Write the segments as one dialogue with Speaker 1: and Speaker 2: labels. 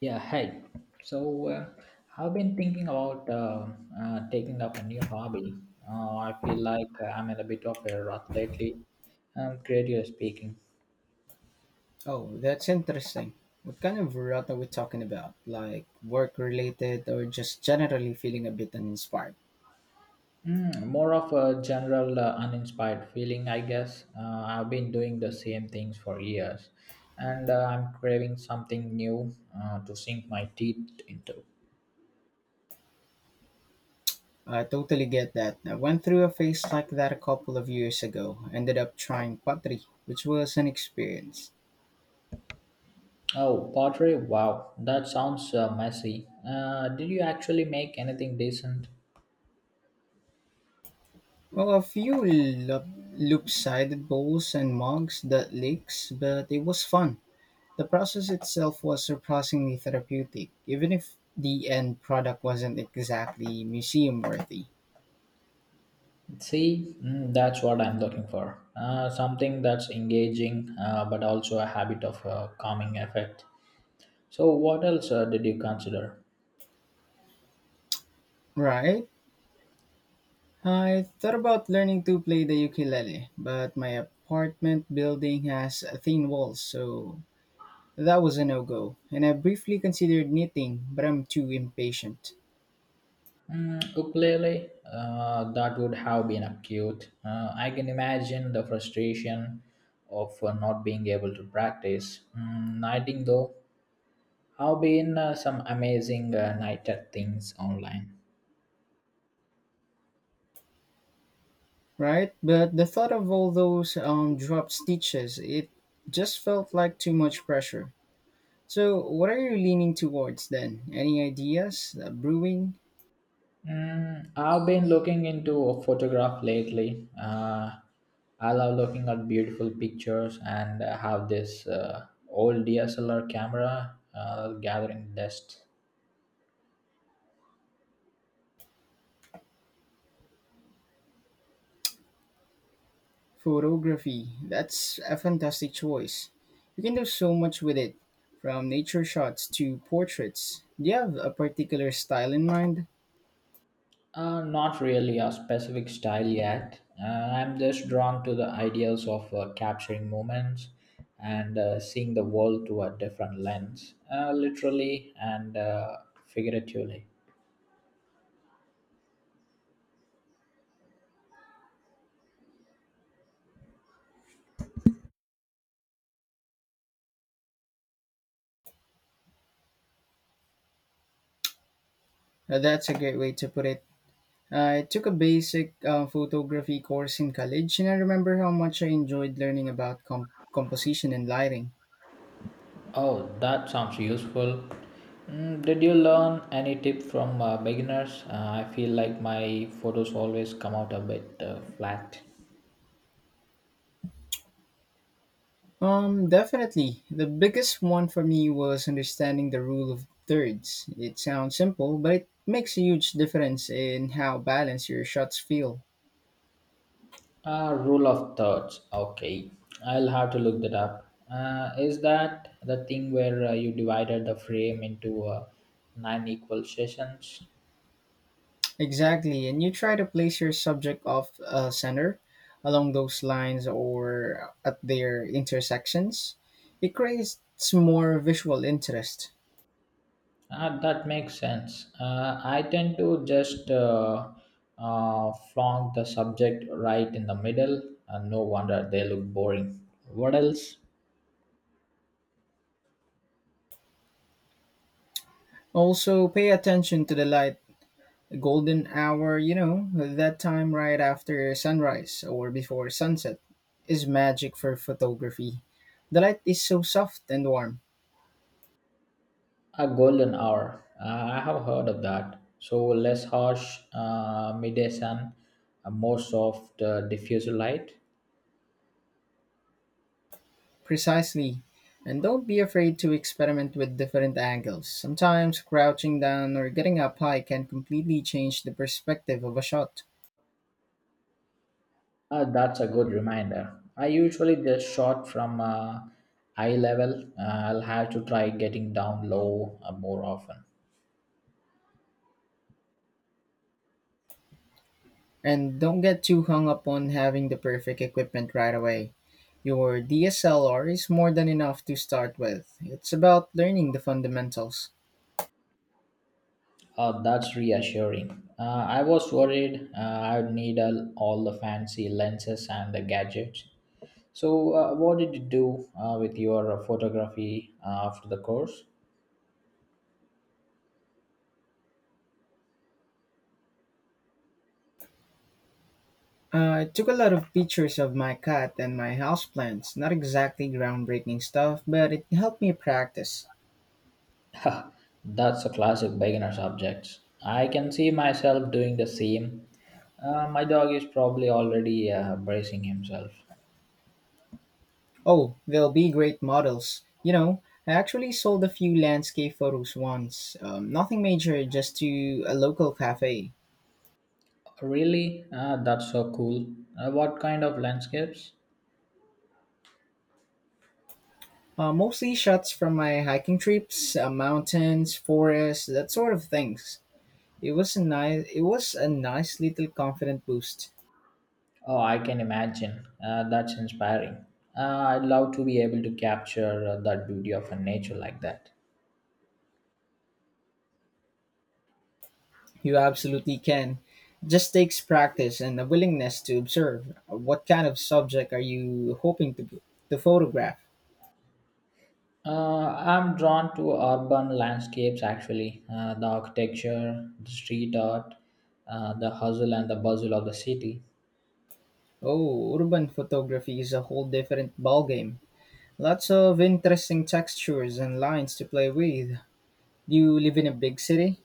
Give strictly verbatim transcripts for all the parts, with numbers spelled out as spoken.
Speaker 1: Yeah, hey. So uh, I've been thinking about uh, uh, taking up a new hobby. Uh, I feel like I'm in a bit of a rut lately, um, creatively speaking.
Speaker 2: Oh, that's interesting. What kind of rut are we talking about? Like work related or just generally feeling a bit uninspired?
Speaker 1: Mm, more of a general uh, uninspired feeling, I guess. Uh, I've been doing the same things for years, and uh, I'm craving something new uh, to sink my teeth into.
Speaker 2: I totally get that. I went through a phase like that a couple of years ago. Ended up trying pottery, which was an experience.
Speaker 1: Oh, pottery! Wow, that sounds uh, messy. Uh, did you actually make anything decent?
Speaker 2: Well, a few lo- loop-sided bowls and mugs that leaks, but it was fun. The process itself was surprisingly therapeutic, even if the end product wasn't exactly museum worthy.
Speaker 1: See, mm, that's what I'm looking for. Uh, something that's engaging, uh, but also a habit of uh, calming effect. So, what else uh, did you consider?
Speaker 2: Right? I thought about learning to play the ukulele, but my apartment building has thin walls, so that was a no go. And I briefly considered knitting, but I'm too impatient.
Speaker 1: Mm, ukulele, uh, that would have been acute. Uh, I can imagine the frustration of uh, not being able to practice. Mm, nighting, though, have been uh, some amazing uh, nighted things online.
Speaker 2: Right? But the thought of all those um, dropped stitches, it just felt like too much pressure. So, what are you leaning towards then? Any ideas? Uh, brewing?
Speaker 1: Mm, I've been looking into a photograph lately. Uh, I love looking at beautiful pictures, and I have this uh, old D S L R camera uh, gathering dust.
Speaker 2: Photography, that's a fantastic choice. You can do so much with it, from nature shots to portraits. Do you have a particular style in mind?
Speaker 1: Uh, not really a specific style yet. Uh, I'm just drawn to the ideas of uh, capturing moments and uh, seeing the world through a different lens, uh, literally and uh, figuratively.
Speaker 2: Uh, That's a great way to put it. I took a basic uh, photography course in college, and I remember how much I enjoyed learning about com- composition and lighting.
Speaker 1: Oh, that sounds useful. Mm, did you learn any tip from uh, beginners? Uh, I feel like my photos always come out a bit uh, flat.
Speaker 2: Um, definitely. The biggest one for me was understanding the rule of thirds. It sounds simple, but it makes a huge difference in how balanced your shots feel.
Speaker 1: Uh, rule of thirds. Okay, I'll have to look that up. Uh, is that the thing where uh, you divided the frame into uh, nine equal sessions?
Speaker 2: Exactly. And you try to place your subject off uh, center along those lines or at their intersections. It creates more visual interest.
Speaker 1: Ah, that makes sense. Uh, I tend to just uh, uh, flaunt the subject right in the middle, and no wonder they look boring. What else?
Speaker 2: Also, pay attention to the light. Golden hour, you know, that time right after sunrise or before sunset, is magic for photography. The light is so soft and warm.
Speaker 1: A golden hour. Uh, I have heard of that. So less harsh uh, midday sun, uh, more soft uh, diffuser light.
Speaker 2: Precisely. And don't be afraid to experiment with different angles. Sometimes crouching down or getting up high can completely change the perspective of a shot.
Speaker 1: Uh, that's a good reminder. I usually just shot from uh, eye level. Uh, I'll have to try getting down low uh, more often.
Speaker 2: And don't get too hung up on having the perfect equipment right away. Your D S L R is more than enough to start with. It's about learning the fundamentals.
Speaker 1: Uh, that's reassuring. Uh, I was worried uh, I'd need all all the fancy lenses and the gadgets. So, uh, what did you do uh, with your uh, photography uh, after the course?
Speaker 2: Uh, I took a lot of pictures of my cat and my houseplants. Not exactly groundbreaking stuff, but it helped me practice.
Speaker 1: Ha, that's a classic beginner subject. I can see myself doing the same. Uh, my dog is probably already uh, bracing himself.
Speaker 2: Oh, they'll be great models. You know, I actually sold a few landscape photos once. Um, nothing major, just to a local cafe.
Speaker 1: Really? Uh, that's so cool. Uh, what kind of landscapes?
Speaker 2: Uh, mostly shots from my hiking trips, uh, mountains, forests, that sort of things. It was a nice, it was a nice little confident boost.
Speaker 1: Oh, I can imagine. Uh, that's inspiring. Uh, I'd love to be able to capture uh, that beauty of a nature like that.
Speaker 2: You absolutely can. Just takes practice and a willingness to observe. What kind of subject are you hoping to to photograph?
Speaker 1: Uh, I'm drawn to urban landscapes actually, uh, the architecture, the street art, uh, the hustle and the bustle of the city.
Speaker 2: Oh, urban photography is a whole different ballgame. Lots of interesting textures and lines to play with. Do you live in a big city?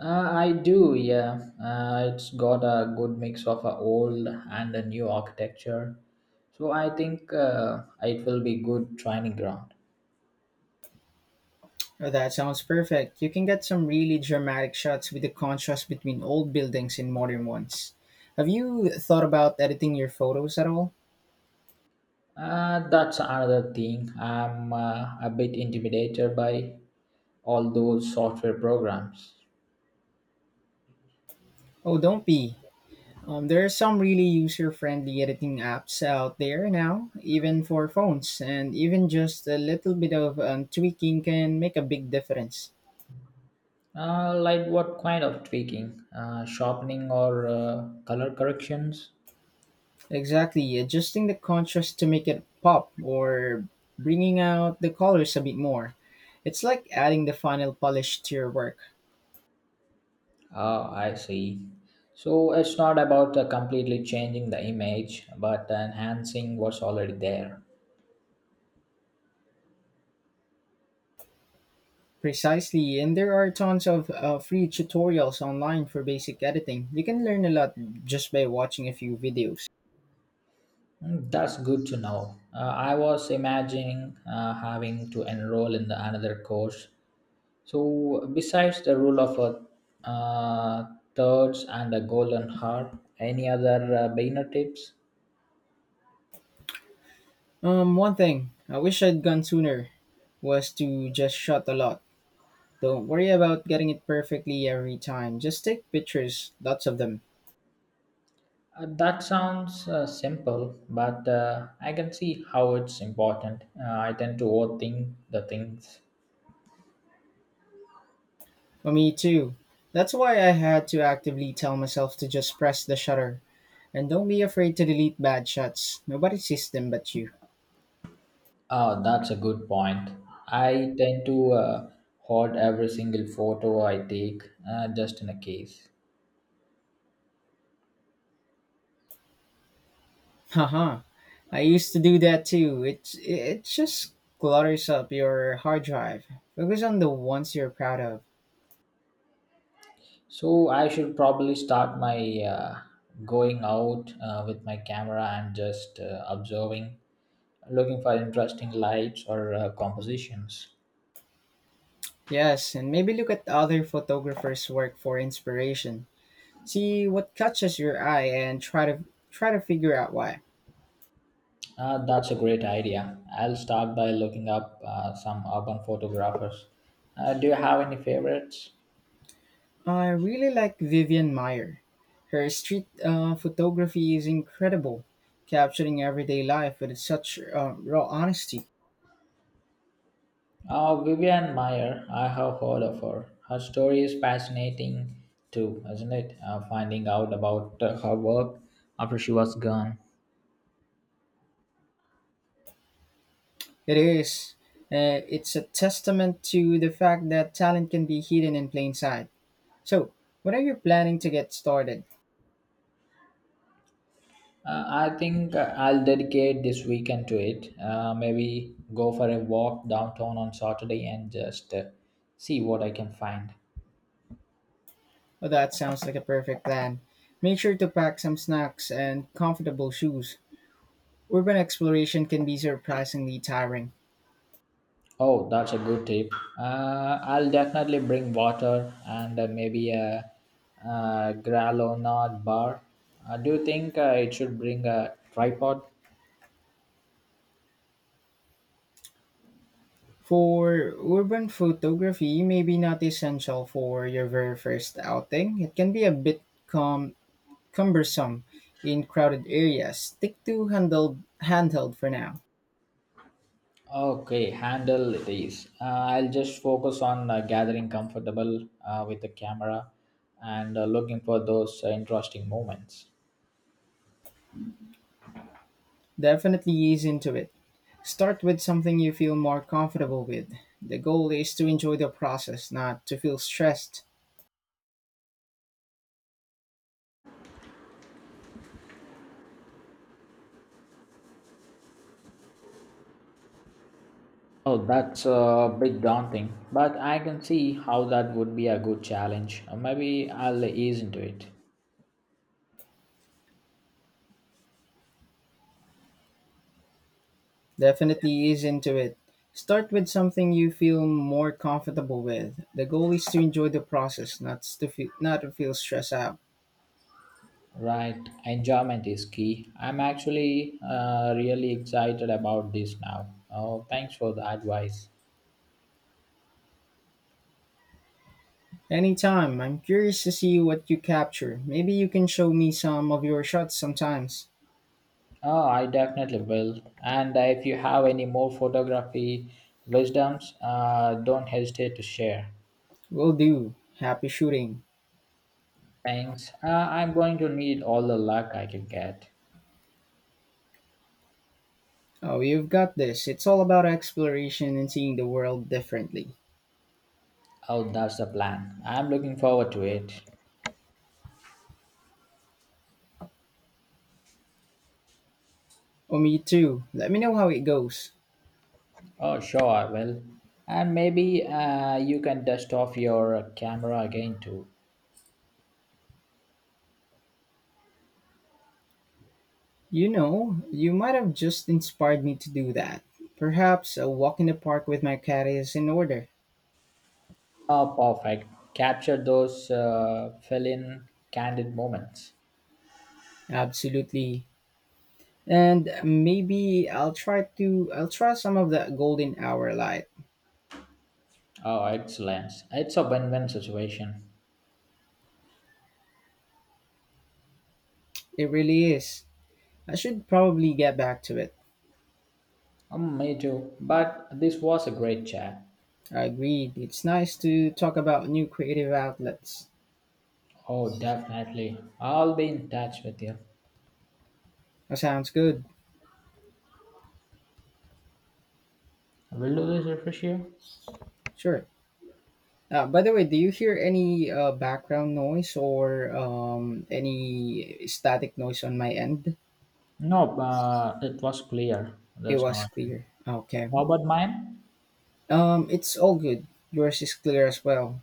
Speaker 1: Uh, I do, yeah. Uh, it's got a good mix of a old and a new architecture. So I think uh, it will be good training ground.
Speaker 2: Oh, that sounds perfect. You can get some really dramatic shots with the contrast between old buildings and modern ones. Have you thought about editing your photos at all?
Speaker 1: Uh, that's another thing I'm uh, a bit intimidated by all those software programs.
Speaker 2: Oh, don't be. Um, there are some really user friendly editing apps out there now, even for phones, and even just a little bit of um, tweaking can make a big difference.
Speaker 1: Uh, like what kind of tweaking? Uh, sharpening or uh, color corrections?
Speaker 2: Exactly, adjusting the contrast to make it pop or bringing out the colors a bit more. It's like adding the final polish to your work.
Speaker 1: Oh, I see. So it's not about uh, completely changing the image, but enhancing what's already there.
Speaker 2: Precisely, and there are tons of uh, free tutorials online for basic editing. You can learn a lot just by watching a few videos.
Speaker 1: Mm, that's good to know. Uh, I was imagining uh, having to enroll in the another course. So, besides the rule of uh, uh, thirds and the golden heart, any other uh, beginner tips?
Speaker 2: Um, one thing I wish I'd gone sooner was to just shot a lot. Don't worry about getting it perfectly every time. Just take pictures, lots of them.
Speaker 1: Uh, that sounds uh, simple, but uh, I can see how it's important. Uh, I tend to overthink the things.
Speaker 2: Well, me too. That's why I had to actively tell myself to just press the shutter and don't be afraid to delete bad shots. Nobody sees them but you.
Speaker 1: Ah, that's a good point. I tend to uh, hoard every single photo I take uh, just in a case.
Speaker 2: Haha. I used to do that too. It it just clutters up your hard drive. Focus on the ones you're proud of.
Speaker 1: So I should probably start my uh, going out uh, with my camera and just uh, observing, looking for interesting lights or uh, compositions.
Speaker 2: Yes, and maybe look at other photographers' work for inspiration. See what catches your eye and try to try to figure out why.
Speaker 1: Uh, that's a great idea. I'll start by looking up uh, some urban photographers. Uh, do you have any favorites?
Speaker 2: I really like Vivian Meyer. Her street uh, photography is incredible, capturing everyday life with such uh, raw honesty.
Speaker 1: Uh, Vivian Meyer, I have heard of her. Her story is fascinating too, isn't it? Uh, finding out about uh, her work after she was gone.
Speaker 2: It is. Uh, it's a testament to the fact that talent can be hidden in plain sight. So, what are you planning to get started?
Speaker 1: Uh, I think uh, I'll dedicate this weekend to it. Uh, maybe go for a walk downtown on Saturday and just uh, see what I can find.
Speaker 2: Oh, that sounds like a perfect plan. Make sure to pack some snacks and comfortable shoes. Urban exploration can be surprisingly tiring.
Speaker 1: Oh, that's a good tip. Uh, I'll definitely bring water and uh, maybe a, uh granola bar. Uh, do you think uh, it should bring a tripod?
Speaker 2: For urban photography, maybe not essential for your very first outing. It can be a bit cum- cumbersome in crowded areas. Stick to handheld, handheld for now.
Speaker 1: Okay, handle these. Uh, I'll just focus on uh, gathering comfortable uh, with the camera and uh, looking for those uh, interesting moments.
Speaker 2: Definitely ease into it. Start with something you feel more comfortable with. The goal is to enjoy the process, not to feel stressed.
Speaker 1: Oh, that's a bit daunting, but I can see how that would be a good challenge. Uh, Maybe I'll ease into it.
Speaker 2: Definitely ease into it. Start with something you feel more comfortable with. The goal is to enjoy the process, not to feel, not to feel stressed out.
Speaker 1: Right, enjoyment is key. I'm actually uh, really excited about this now. Oh, thanks for the advice.
Speaker 2: Anytime. I'm curious to see what you capture. Maybe you can show me some of your shots sometimes.
Speaker 1: Oh, I definitely will. And if you have any more photography wisdoms, uh, don't hesitate to share.
Speaker 2: Will do. Happy shooting.
Speaker 1: Thanks. Uh, I'm going to need all the luck I can get.
Speaker 2: Oh, you've got this. It's all about exploration and seeing the world differently.
Speaker 1: Oh, that's the plan. I'm looking forward to it.
Speaker 2: Oh, me too. Let me know how it goes.
Speaker 1: Oh, sure, I will. And maybe uh, you can dust off your camera again too.
Speaker 2: You know, you might have just inspired me to do that. Perhaps a walk in the park with my cat is in order.
Speaker 1: Ah, perfect. Capture those uh, fill-in candid moments.
Speaker 2: Absolutely. And maybe I'll try to I'll try some of that golden hour light.
Speaker 1: Oh, excellent. It's a win-win situation.
Speaker 2: It really is. I should probably get back to it.
Speaker 1: Um, me too. But this was a great chat.
Speaker 2: I agreed. It's nice to talk about new creative outlets.
Speaker 1: Oh, definitely. I'll be in touch with you.
Speaker 2: That sounds good.
Speaker 1: Will do this refresh you?
Speaker 2: Sure. Uh, by the way, do you hear any uh, background noise or um, any static noise on my end?
Speaker 1: No, uh, it was clear.
Speaker 2: It
Speaker 1: There's
Speaker 2: was
Speaker 1: no issue.
Speaker 2: clear. Okay.
Speaker 1: How about mine?
Speaker 2: Um, it's all good. Yours is clear as well.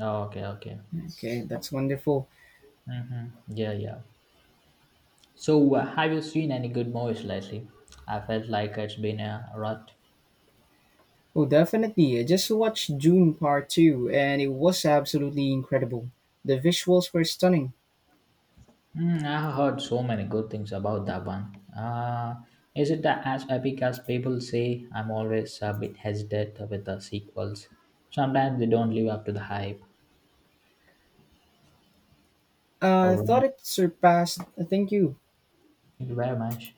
Speaker 1: Oh, okay, okay.
Speaker 2: Okay, that's wonderful.
Speaker 1: Mm-hmm. Yeah, yeah. So, uh, have you seen any good movies lately? I felt like it's been a rut.
Speaker 2: Oh, definitely. I just watched June Part two and it was absolutely incredible. The visuals were stunning.
Speaker 1: Mm, I heard so many good things about that one. Uh, is it as epic as people say? I'm always a bit hesitant with the sequels. Sometimes they don't live up to the hype.
Speaker 2: I
Speaker 1: All
Speaker 2: uh,
Speaker 1: right.
Speaker 2: thought it surpassed, thank you,
Speaker 1: Thank you very much.